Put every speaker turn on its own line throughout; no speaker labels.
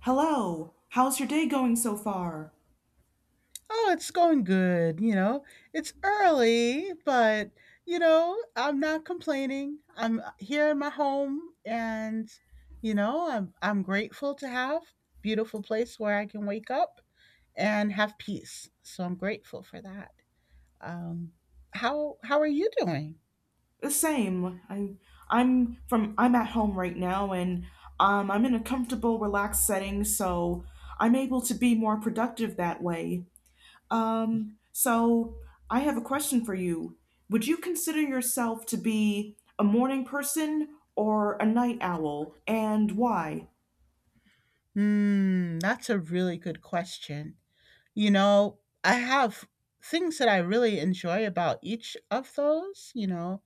Hello. How's your day going so far?
Oh, it's going good, you know. It's early, but you know, I'm not complaining. I'm here in my home and you know, I'm grateful to have beautiful place where I can wake up and have peace. So I'm grateful for that. Um how are you doing?
The same. I I'm from I'm at home right now, and I'm in a comfortable, relaxed setting, so I'm able to be more productive that way. So I have a question for you. Would you consider yourself to be a morning person or a night owl, and why?
Hmm, that's a really good question. You know, I have things that I really enjoy about each of those, you know.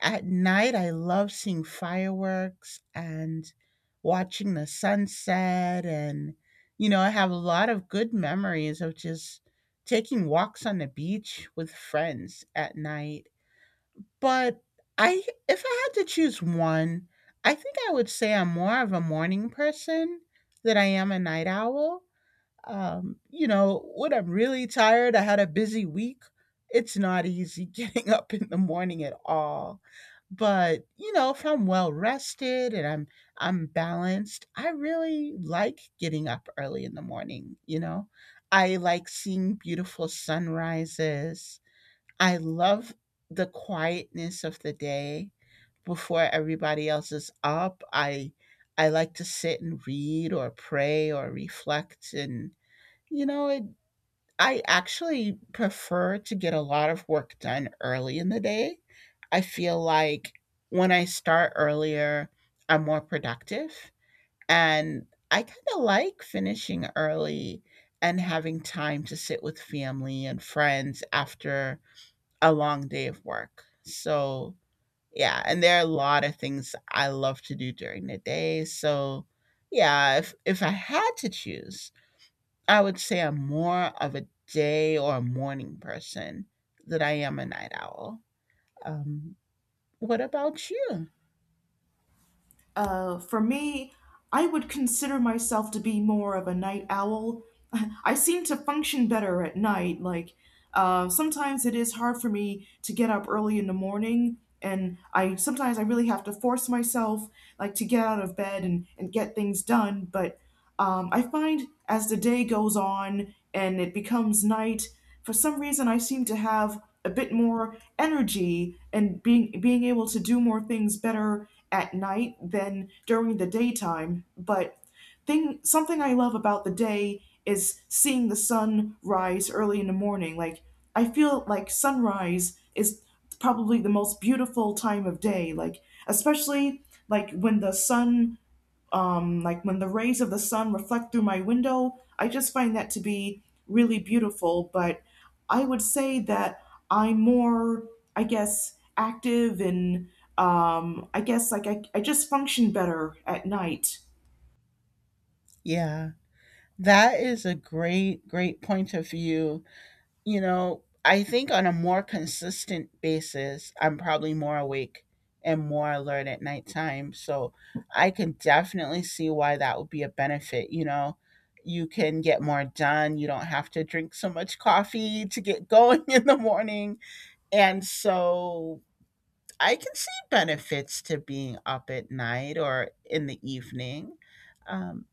At night, I love seeing fireworks and watching the sunset. And, you know, I have a lot of good memories of just taking walks on the beach with friends at night. But I, if I had to choose one, I think I would say I'm more of a morning person than I am a night owl. You know, when I'm really tired, I had a busy week. It's not easy getting up in the morning at all. But, you know, if I'm well rested and I'm balanced, I really like getting up early in the morning, you know. I like seeing beautiful sunrises. I love the quietness of the day before everybody else is up. I like to sit and read or pray or reflect and you know, it, I actually prefer to get a lot of work done early in the day. I feel like when I start earlier, I'm more productive. And I kind of like finishing early and having time to sit with family and friends after a long day of work. So, yeah, and there are a lot of things I love to do during the day. So, yeah, if I had to choose, I would say I'm more of a day or a morning person than I am a night owl. Um, what about you?
For me, I would consider myself to be more of a night owl. I seem to function better at night. Sometimes it is hard for me to get up early in the morning, and I sometimes I really have to force myself, like, to get out of bed and, get things done. But I find as the day goes on and it becomes night, for some reason I seem to have a bit more energy and being able to do more things better at night than during the daytime. But thing something I love about the day is seeing the sun rise early in the morning. Like, I feel like sunrise is probably the most beautiful time of day. Like, especially, like when the sun like when the rays of the sun reflect through my window. I just find that to be really beautiful. But I would say that I'm more, I guess, active, and I guess, like I just function better at night.
Yeah, that is a great, great point of view. You know, I think on a more consistent basis, I'm probably more awake and more alert at nighttime. So I can definitely see why that would be a benefit. You know, you can get more done. You don't have to drink so much coffee to get going in the morning. And so I can see benefits to being up at night or in the evening. Um,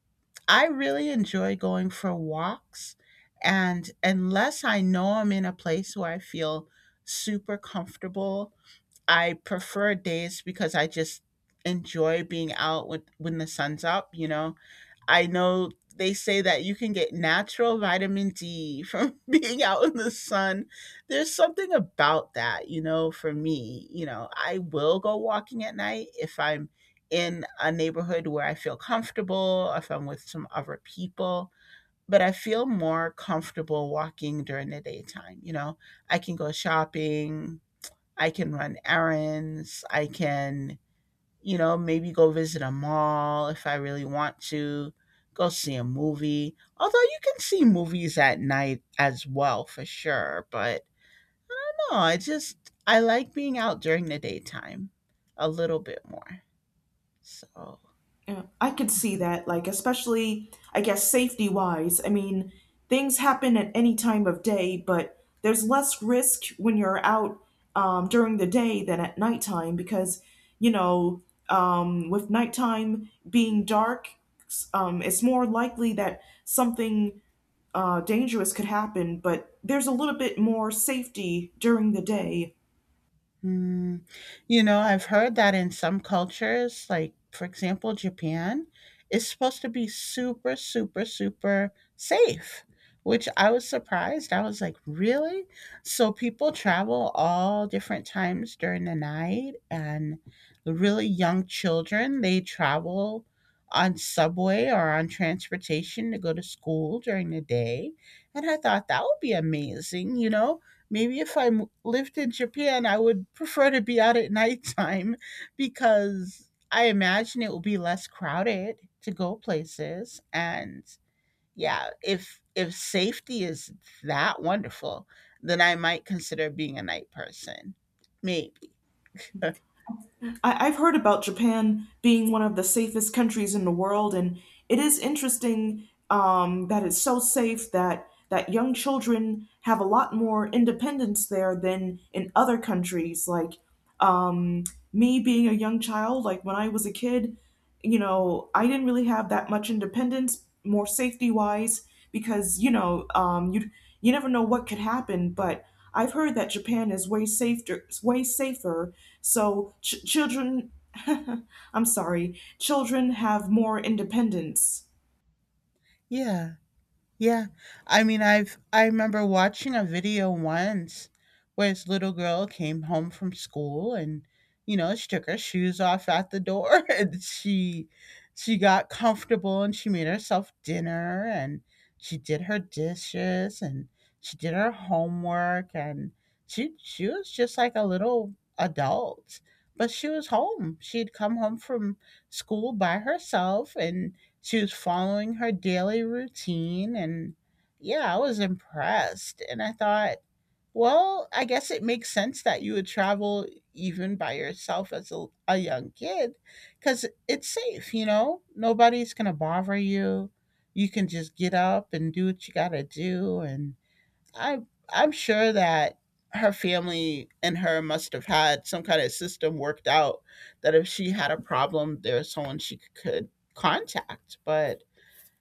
I really enjoy going for walks. And unless I know I'm in a place where I feel super comfortable, I prefer days because I just enjoy being out with, when the sun's up, you know. I know they say that you can get natural vitamin D from being out in the sun. There's something about that, you know, for me. You know, I will go walking at night if I'm in a neighborhood where I feel comfortable, if I'm with some other people, but I feel more comfortable walking during the daytime. You know, I can go shopping, I can run errands, I can you know, maybe go visit a mall if I really want to, go see a movie. Although you can see movies at night as well for sure, but no, I like being out during the daytime a little bit more. So
Yeah, I could see that, like, especially, I guess, safety wise. I mean, things happen at any time of day, but there's less risk when you're out during the day than at nighttime because, you know, with nighttime being dark, it's more likely that something dangerous could happen, but there's a little bit more safety during the day.
Mm, you know, I've heard that in some cultures, like for example, Japan, is supposed to be super, super, super safe, which I was surprised. I was like, really? So people travel all different times during the night, and the really young children, they travel on subway or on transportation to go to school during the day. And I thought that would be amazing, you know. Maybe if I lived in Japan, I would prefer to be out at nighttime because I imagine it will be less crowded to go places. And yeah, if safety is that wonderful, then I might consider being a night person. Maybe.
I've heard about Japan being one of the safest countries in the world, and it is interesting that it's so safe that young children have a lot more independence there than in other countries. Like, um, me being a young child, like when I was a kid, you know, I didn't really have that much independence, more safety wise, because you know, you never know what could happen. But I've heard that Japan is way safer, way safer. So ch- children, I'm sorry, children have more independence.
Yeah. Yeah. I mean, I remember watching a video once where this little girl came home from school and you know, she took her shoes off at the door and she got comfortable and she made herself dinner and she did her dishes and she did her homework and she was just like a little adult. But she was home. She had come home from school by herself and she was following her daily routine and yeah, I was impressed. And I thought, well, I guess it makes sense that you would travel even by yourself as a young kid because it's safe, you know? Nobody's going to bother you. You can just get up and do what you got to do. And I, I'm sure that her family and her must have had some kind of system worked out that if she had a problem, there was someone she could contact. But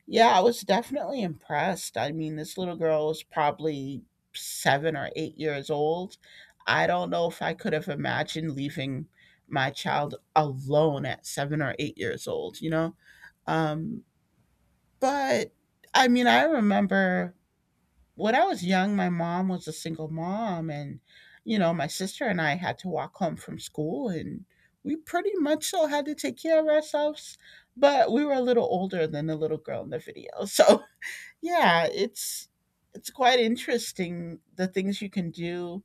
yeah, I was definitely impressed. I mean, this little girl was probably 7 or 8 years old. I don't know if I could have imagined leaving my child alone at 7 or 8 years old, you know? Um, but I mean, I remember when I was young, my mom was a single mom, and you know, my sister and I had to walk home from school, and we pretty much so had to take care of ourselves. But we were a little older than the little girl in the video, so yeah, it's quite interesting the things you can do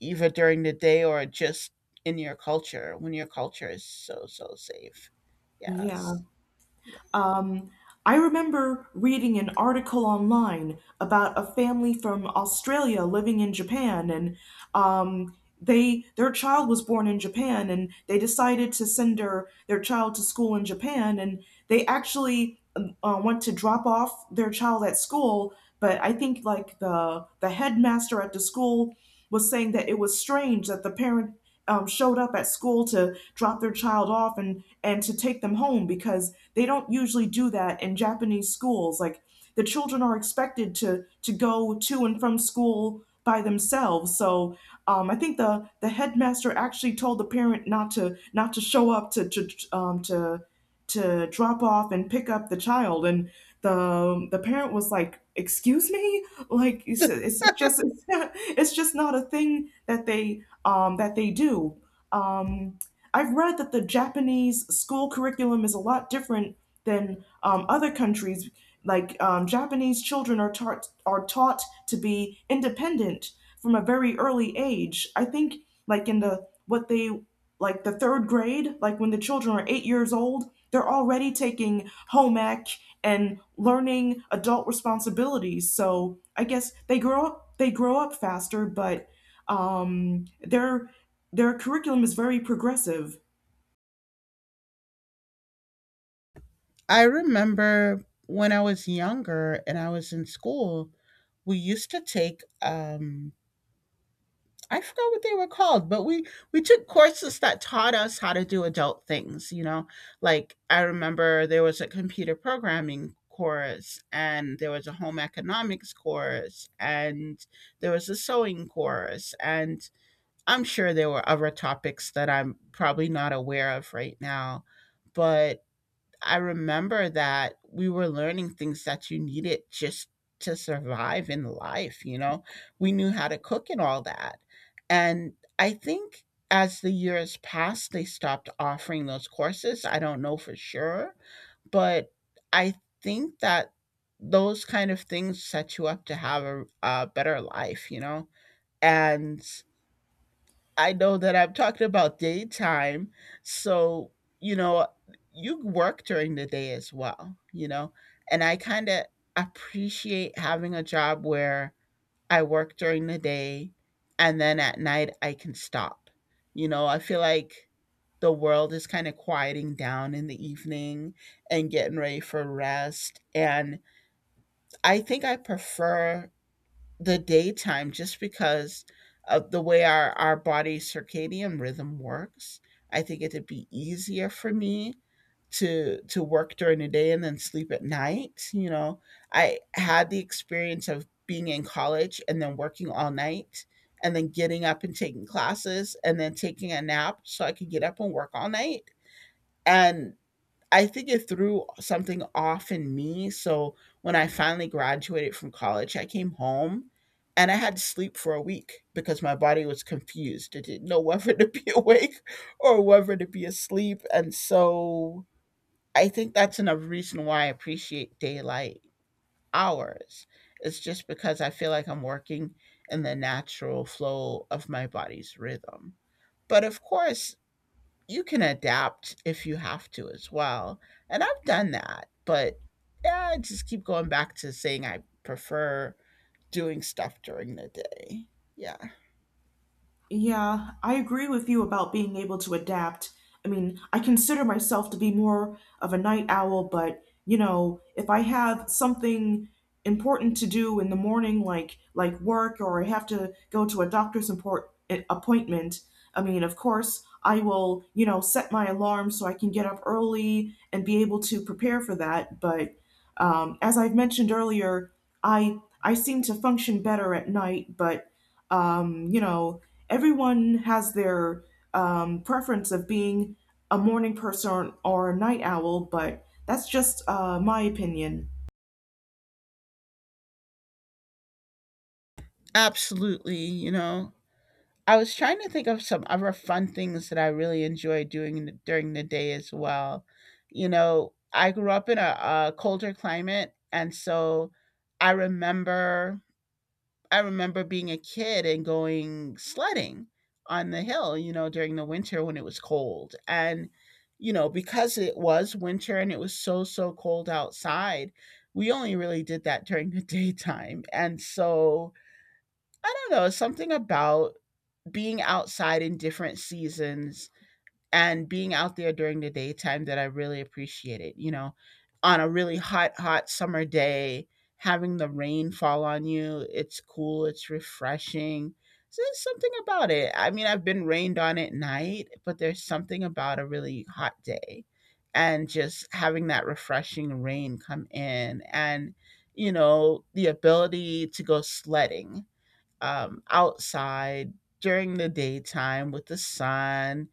either during the day or just in your culture when your culture is so so safe.
Yeah.
Yes. Yeah.
Um, I remember reading an article online about a family from Australia living in Japan, and they their child was born in Japan, and they decided to send their child to school in Japan, and they actually went to drop off their child at school, but I think like the headmaster at the school was saying that it was strange that the parent showed up at school to drop their child off and to take them home because they don't usually do that in Japanese schools. Like, the children are expected to go to and from school by themselves. So I think the headmaster actually told the parent not to show up to drop off and pick up the child, and the parent was like, excuse me, like it's just it's just not a thing that they do. um I've read that the Japanese school curriculum is a lot different than, other countries. Like, Japanese children are taught to be independent from a very early age. I think, like in the third grade, like when the children are 8 years old, they're already taking home ec and learning adult responsibilities. So I guess they grow up faster, but um, their their curriculum is very progressive.
I remember when I was younger and I was in school, we used to take I forgot what they were called, but we took courses that taught us how to do adult things, you know. Like I remember there was a computer programming course and there was a home economics course and there was a sewing course and I'm sure there were other topics that I'm probably not aware of right now, but I remember that we were learning things that you needed just to survive in life, you know? We knew how to cook and all that. And I think as the years passed, they stopped offering those courses. I don't know for sure, but I think that those kind of things set you up to have a better life, you know? And I know that I'm talking about daytime. So, you know, you work during the day as well, you know? And I kind of appreciate having a job where I work during the day and then at night I can stop. You know, I feel like the world is kind of quieting down in the evening and getting ready for rest. And I think I prefer the daytime just because of the way our body circadian rhythm works. I think it'd be easier for me to work during the day and then sleep at night. You know, I had the experience of being in college and then working all night and then getting up and taking classes and then taking a nap so I could get up and work all night. And I think it threw something off in me, so when I finally graduated from college, I came home and I had to sleep for a week because my body was confused. It didn't know whether to be awake or whether to be asleep. And so I think that's another reason why I appreciate daylight hours. It's just because I feel like I'm working in the natural flow of my body's rhythm. But of course, you can adapt if you have to as well, and I've done that, but, yeah, I just keep going back to saying I prefer doing stuff during the day. Yeah,
Yeah, I agree with you about being able to adapt. I mean, I consider myself to be more of a night owl, but you know, if I have something important to do in the morning, like work, or I have to go to a appointment, I mean, of course, I will, you know, set my alarm so I can get up early and be able to prepare for that. But as I've mentioned earlier, I seem to function better at night, but you know, everyone has their preference of being a morning person or a night owl, but that's just my opinion.
absolutely, you know? I was trying to think of some other fun things that I really enjoy doing in during the day as well. You know, I grew up in a colder climate, and so I remember I remember being a kid and going sledding on the hill, you know, during the winter when it was cold. And, you know, because it was winter and it was so, so cold outside, we only really did that during the daytime. And so I don't know, something about being outside in different seasons and being out there during the daytime that I really appreciated. You know, on a really hot, hot summer day, having the rain fall on you, it's cool, it's refreshing. So there's something about it. I mean, I've been rained on at night, but there's something about a really hot day and just having that refreshing rain come in and, you know, the ability to go sledding outside during the daytime with the sun.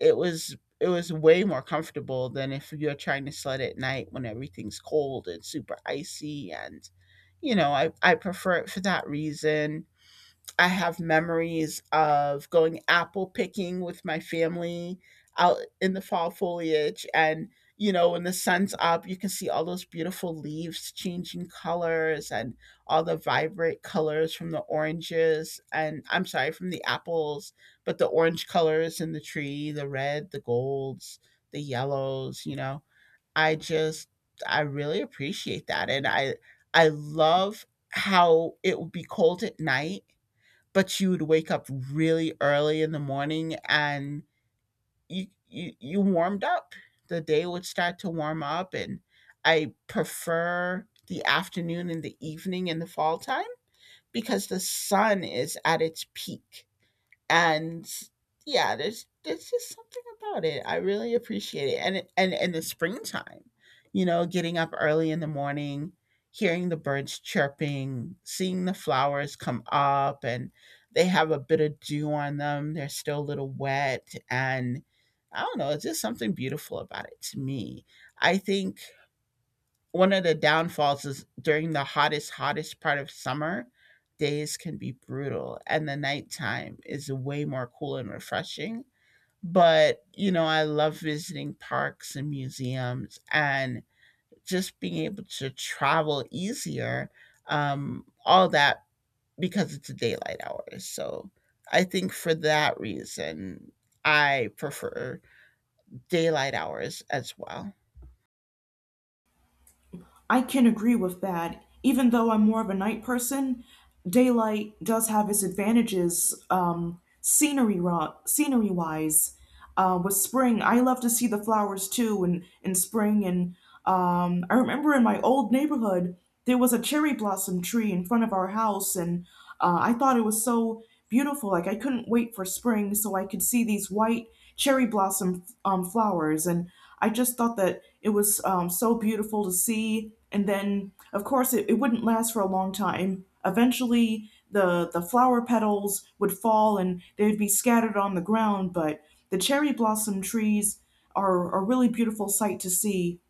It was way more comfortable than if you're trying to sled at night when everything's cold and super icy and you know I prefer it for that reason. I have memories of going apple picking with my family out in the fall foliage. And, you know, when the sun's up, you can see all those beautiful leaves changing colors and all the vibrant colors from the oranges and I'm sorry, from the apples, but the orange colors in the tree, the red, the golds, the yellows, you know. I just, I really appreciate that. I love how it would be cold at night, but you would wake up really early in the morning and you warmed up. The day would start to warm up, and I prefer the afternoon and the evening in the fall time because the sun is at its peak, and yeah, there's just something about it. I really appreciate it. And in the springtime, you know, getting up early in the morning, hearing the birds chirping, seeing the flowers come up, and they have a bit of dew on them. They're still a little wet, and I don't know, it's just something beautiful about it to me. I think one of the downfalls is during the hottest, hottest part of summer, days can be brutal and the nighttime is way more cool and refreshing. But, you know, I love visiting parks and museums and just being able to travel easier, all that because it's daylight hours. So I think for that reason, I prefer daylight hours as well.
I can agree with that. Even though I'm more of a night person, daylight does have its advantages, scenery wise. With spring, I love to see the flowers too, in spring. And I remember in my old neighborhood, there was a cherry blossom tree in front of our house, and I thought it was so beautiful. Like, I couldn't wait for spring so I could see these white cherry blossom flowers, and I just thought that it was, so beautiful to see. And then, of course, it wouldn't last for a long time. Eventually, the flower petals would fall and they'd be scattered on the ground. But the cherry blossom trees are a really beautiful sight to see.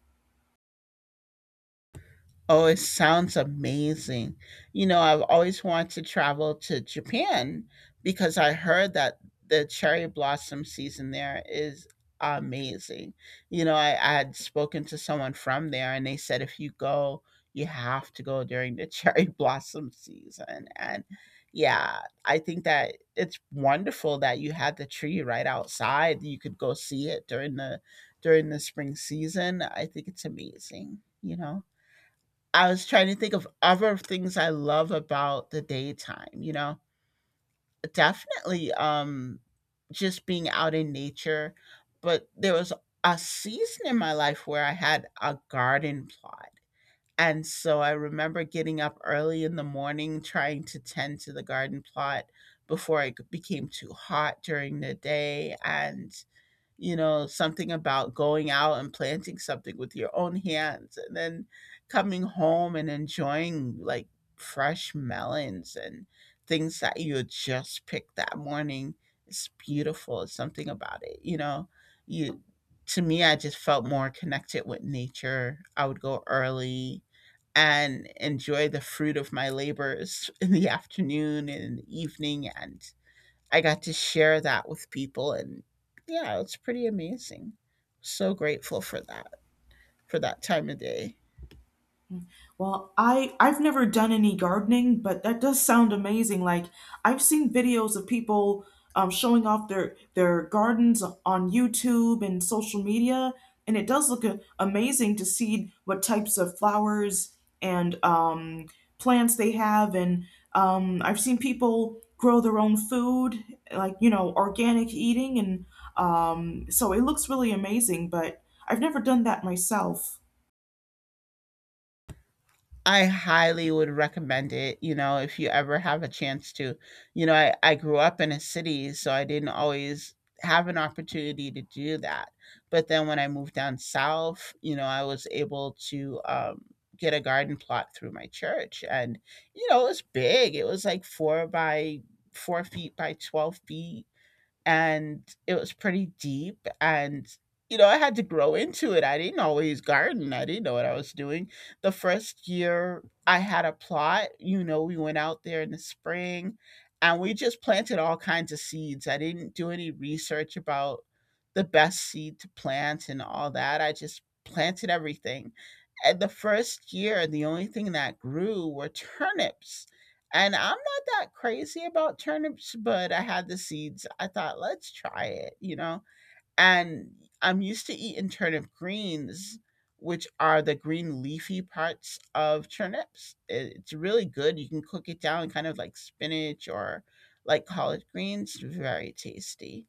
Oh, it sounds amazing. You know, I've always wanted to travel to Japan because I heard that the cherry blossom season there is amazing. You know, I had spoken to someone from there and they said if you go, you have to go during the cherry blossom season. And yeah, I think that it's wonderful that you had the tree right outside. You could go see it during the spring season. I think it's amazing, you know. I was trying to think of other things I love about the daytime, you know? Definitely, just being out in nature, but there was a season in my life where I had a garden plot. And so I remember getting up early in the morning trying to tend to the garden plot before it became too hot during the day, and you know, something about going out and planting something with your own hands and then coming home and enjoying like fresh melons and things that you had just picked that morning. It's beautiful. It's something about it, you know. You To me, I just felt more connected with nature. I would go early and enjoy the fruit of my labors in the afternoon and in the evening, and I got to share that with people, and yeah, it's pretty amazing. So grateful for that time of day.
Well, I've never done any gardening, but that does sound amazing. Like, I've seen videos of people showing off their gardens on YouTube and social media, and it does look amazing to see what types of flowers and, plants they have. And, I've seen people grow their own food, like, you know, organic eating, and so it looks really amazing. But I've never done that myself.
I highly would recommend it, you know, if you ever have a chance to. You know, I grew up in a city, so I didn't always have an opportunity to do that. But then when I moved down south, you know, I was able to get a garden plot through my church. And, you know, it was big. It was like four by 4 feet by 12 feet, and it was pretty deep. And you know, I had to grow into it. I didn't always garden. I didn't know what I was doing. The first year I had a plot, you know, we went out there in the spring and we just planted all kinds of seeds. I didn't do any research about the best seed to plant and all that. I just planted everything, and the first year the only thing that grew were turnips. And I'm not that crazy about turnips, but I had the seeds. I thought, let's try it, you know? And I'm used to eating turnip greens, which are the green leafy parts of turnips. It's really good. You can cook it down kind of like spinach or like collard greens. Very tasty.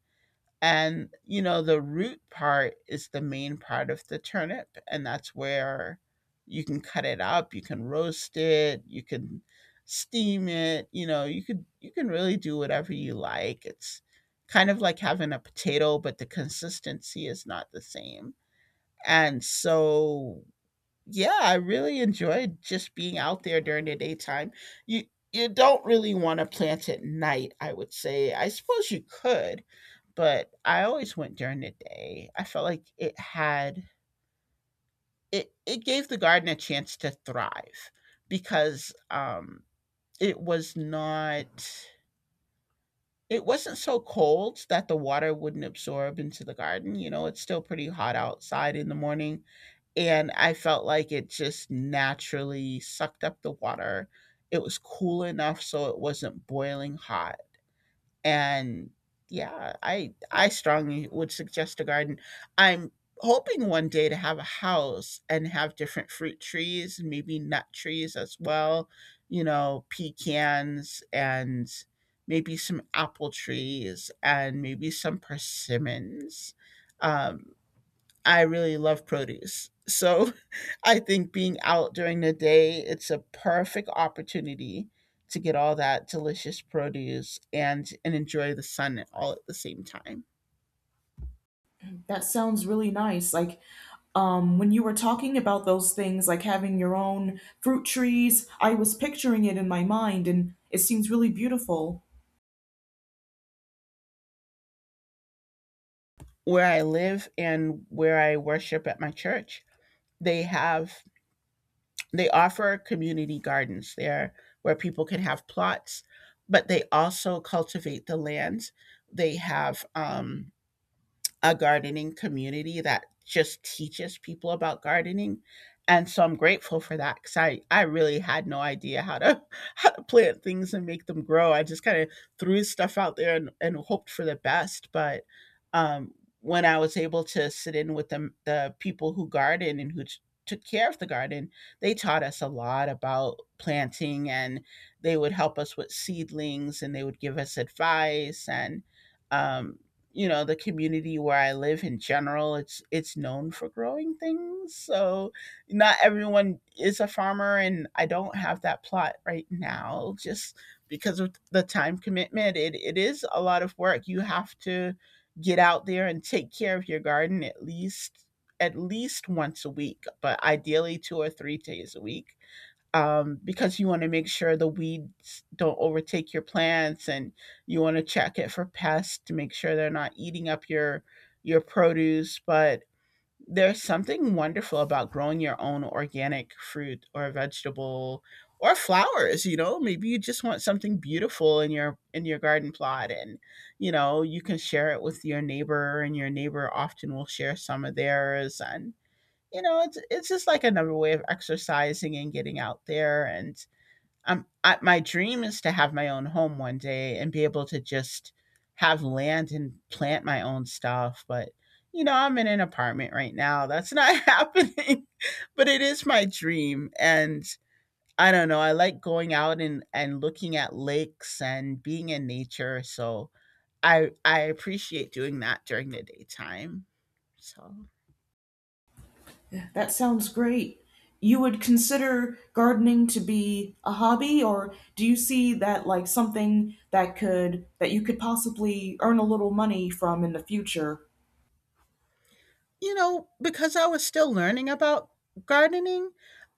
And, you know, the root part is the main part of the turnip, and that's where you can cut it up, you can roast it, you can steam it, you know, you can really do whatever you like. It's kind of like having a potato, but the consistency is not the same. And so yeah, I really enjoyed just being out there during the daytime. You you don't really want to plant at night, I would say. I suppose you could, but I always went during the day. I felt like it gave the garden a chance to thrive because it was not, it wasn't so cold that the water wouldn't absorb into the garden. You know, it's still pretty hot outside in the morning, and I felt like it just naturally sucked up the water. It was cool enough so it wasn't boiling hot, and yeah, I strongly would suggest a garden. I'm hoping one day to have a house and have different fruit trees, maybe nut trees as well, you know, pecans and maybe some apple trees and maybe some persimmons. Um, I really love produce. So I think being out during the day, it's a perfect opportunity to get all that delicious produce and enjoy the sun all at the same time.
That sounds really nice. Like, when you were talking about those things, like having your own fruit trees, I was picturing it in my mind, and it seems really beautiful.
Where I live and where I worship at my church, they have they offer community gardens there where people can have plots, but they also cultivate the land. They have a gardening community that just teaches people about gardening. And so I'm grateful for that because I really had no idea how to how to plant things and make them grow. I just kind of threw stuff out there and hoped for the best. But um, when I was able to sit in with the people who garden and who took care of the garden, they taught us a lot about planting, and they would help us with seedlings and they would give us advice. And um, you know, the community where I live in general, it's known for growing things. So not everyone is a farmer, and I don't have that plot right now, just because of the time commitment. It is a lot of work. You have to get out there and take care of your garden at least once a week, but ideally 2 or 3 days a week, because you want to make sure the weeds don't overtake your plants, and you want to check it for pests to make sure they're not eating up your produce. But there's something wonderful about growing your own organic fruit or vegetable or flowers, you know, maybe you just want something beautiful in your garden plot. And you know, you can share it with your neighbor, and your neighbor often will share some of theirs. And you know, it's just like another way of exercising and getting out there. And my dream is to have my own home one day and be able to just have land and plant my own stuff. But you know, I'm in an apartment right now. That's not happening, but it is my dream. And I don't know. I like going out and looking at lakes and being in nature. So I appreciate doing that during the daytime. So.
That sounds great. You would consider gardening to be a hobby, or do you see that like something that could that you could possibly earn a little money from in the future?
You know, because I was still learning about gardening,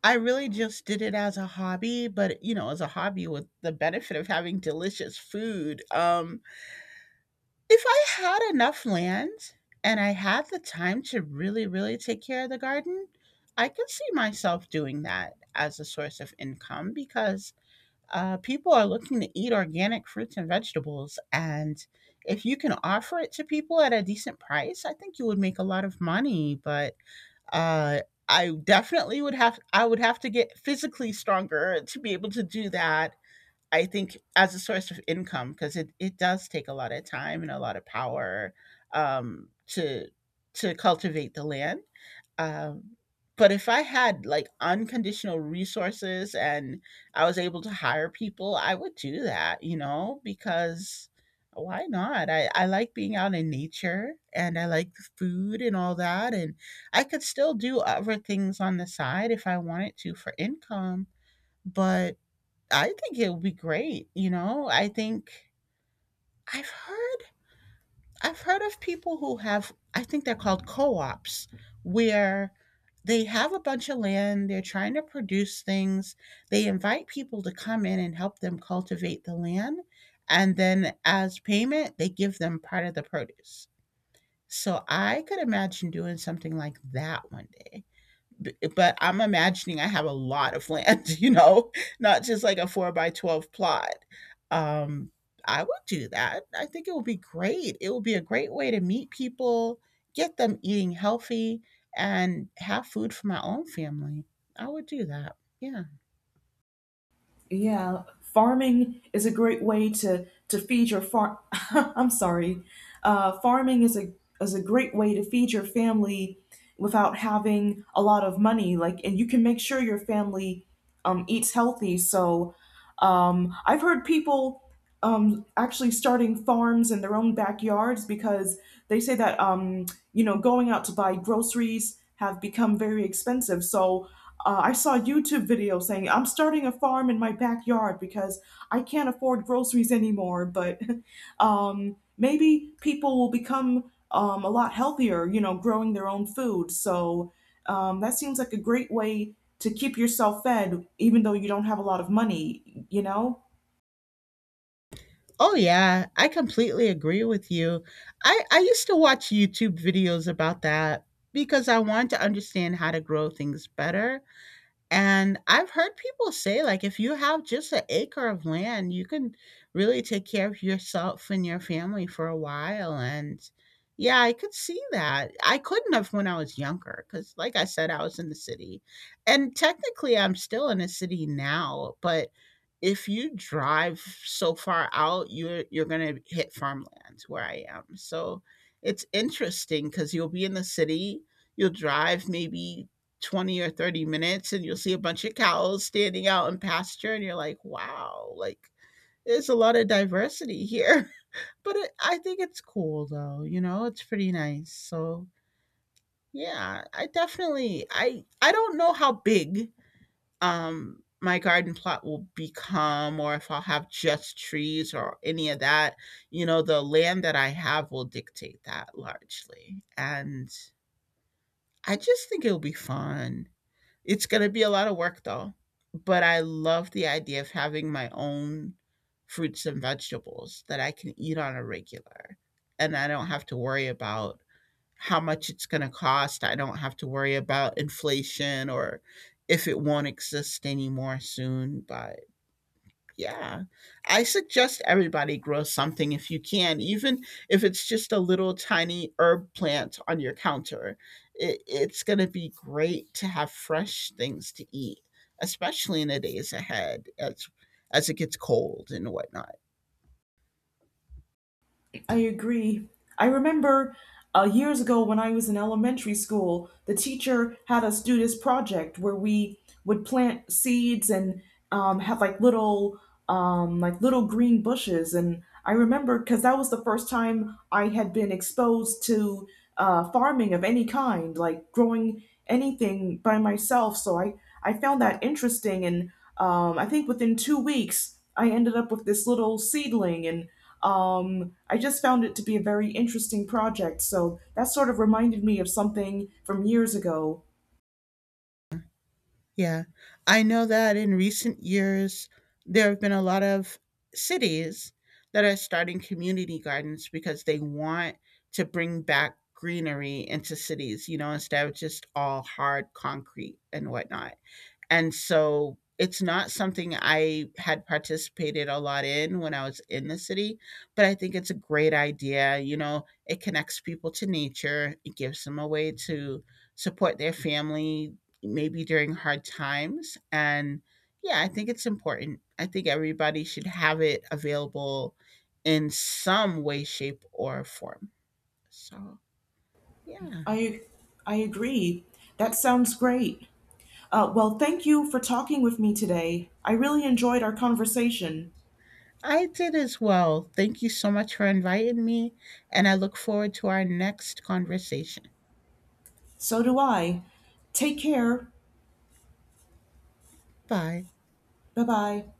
I really just did it as a hobby, but, you know, as a hobby with the benefit of having delicious food. If I had enough land and I had the time to really, really take care of the garden, I could see myself doing that as a source of income because people are looking to eat organic fruits and vegetables. And if you can offer it to people at a decent price, I think you would make a lot of money. But uh, I definitely would have, I would have to get physically stronger to be able to do that. I think as a source of income because it does take a lot of time and a lot of power, um, to to cultivate the land. Um, but if I had like unconditional resources and I was able to hire people, I would do that, you know, because why not? I like being out in nature and I like the food and all that. And I could still do other things on the side if I wanted to for income. But I think it would be great. You know, I think I've heard I've heard of people who have, I think they're called co-ops, where they have a bunch of land, they're trying to produce things. They invite people to come in and help them cultivate the land, and then as payment they give them part of the produce. So I could imagine doing something like that one day. But I'm imagining I have a lot of land, you know, not just like a four by 12 plot. Um, I would do that. I think it would be great. It would be a great way to meet people, get them eating healthy, and have food for my own family. I would do that. Yeah.
Yeah, farming is a great way to feed your farm. I'm sorry, farming is a great way to feed your family without having a lot of money. Like, and you can make sure your family eats healthy. So, I've heard people actually starting farms in their own backyards because they say that, you know, going out to buy groceries have become very expensive. So I saw a YouTube video saying, I'm starting a farm in my backyard because I can't afford groceries anymore. But maybe people will become, a lot healthier, you know, growing their own food. So that seems like a great way to keep yourself fed, even though you don't have a lot of money, you know.
Oh yeah, I completely agree with you. I used to watch YouTube videos about that because I wanted to understand how to grow things better. And I've heard people say, like, if you have just an acre of land, you can really take care of yourself and your family for a while. And yeah, I could see that. I couldn't have when I was younger because, like I said, I was in the city. And technically, I'm still in a city now. But if you drive so far out, you're gonna hit farmlands where I am. So it's interesting because you'll be in the city, you'll drive maybe 20 or 30 minutes and you'll see a bunch of cows standing out in pasture and you're like, wow, like there's a lot of diversity here. But it, I think it's cool though, you know, it's pretty nice. So yeah, I definitely, I don't know how big my garden plot will become or if I'll have just trees or any of that. You know, the land that I have will dictate that largely. And I just think it'll be fun. It's going to be a lot of work though, but I love the idea of having my own fruits and vegetables that I can eat on a regular. And I don't have to worry about how much it's going to cost. I don't have to worry about inflation or if it won't exist anymore soon. But yeah. I suggest everybody grow something if you can, even if it's just a little tiny herb plant on your counter. It's going to be great to have fresh things to eat, especially in the days ahead as it gets cold and whatnot.
I agree. I remember years ago when I was in elementary school, the teacher had us do this project where we would plant seeds and, have like little, like little green bushes. And I remember because that was the first time I had been exposed to farming of any kind, like growing anything by myself. So I found that interesting, and I think within 2 weeks I ended up with this little seedling and. I just found it to be a very interesting project, so that sort of reminded me of something from years ago.
Yeah. I know that in recent years, there have been a lot of cities that are starting community gardens because they want to bring back greenery into cities, you know, instead of just all hard concrete and whatnot. And so it's not something I had participated a lot in when I was in the city, but I think it's a great idea. You know, it connects people to nature, it gives them a way to support their family, maybe during hard times. And yeah, I think it's important. I think everybody should have it available in some way, shape, or form. So, yeah.
I, I agree. That sounds great. Well, thank you for talking with me today. I really enjoyed our conversation.
I did as well. Thank you so much for inviting me, and I look forward to our next conversation.
So do I. Take care.
Bye.
Bye bye.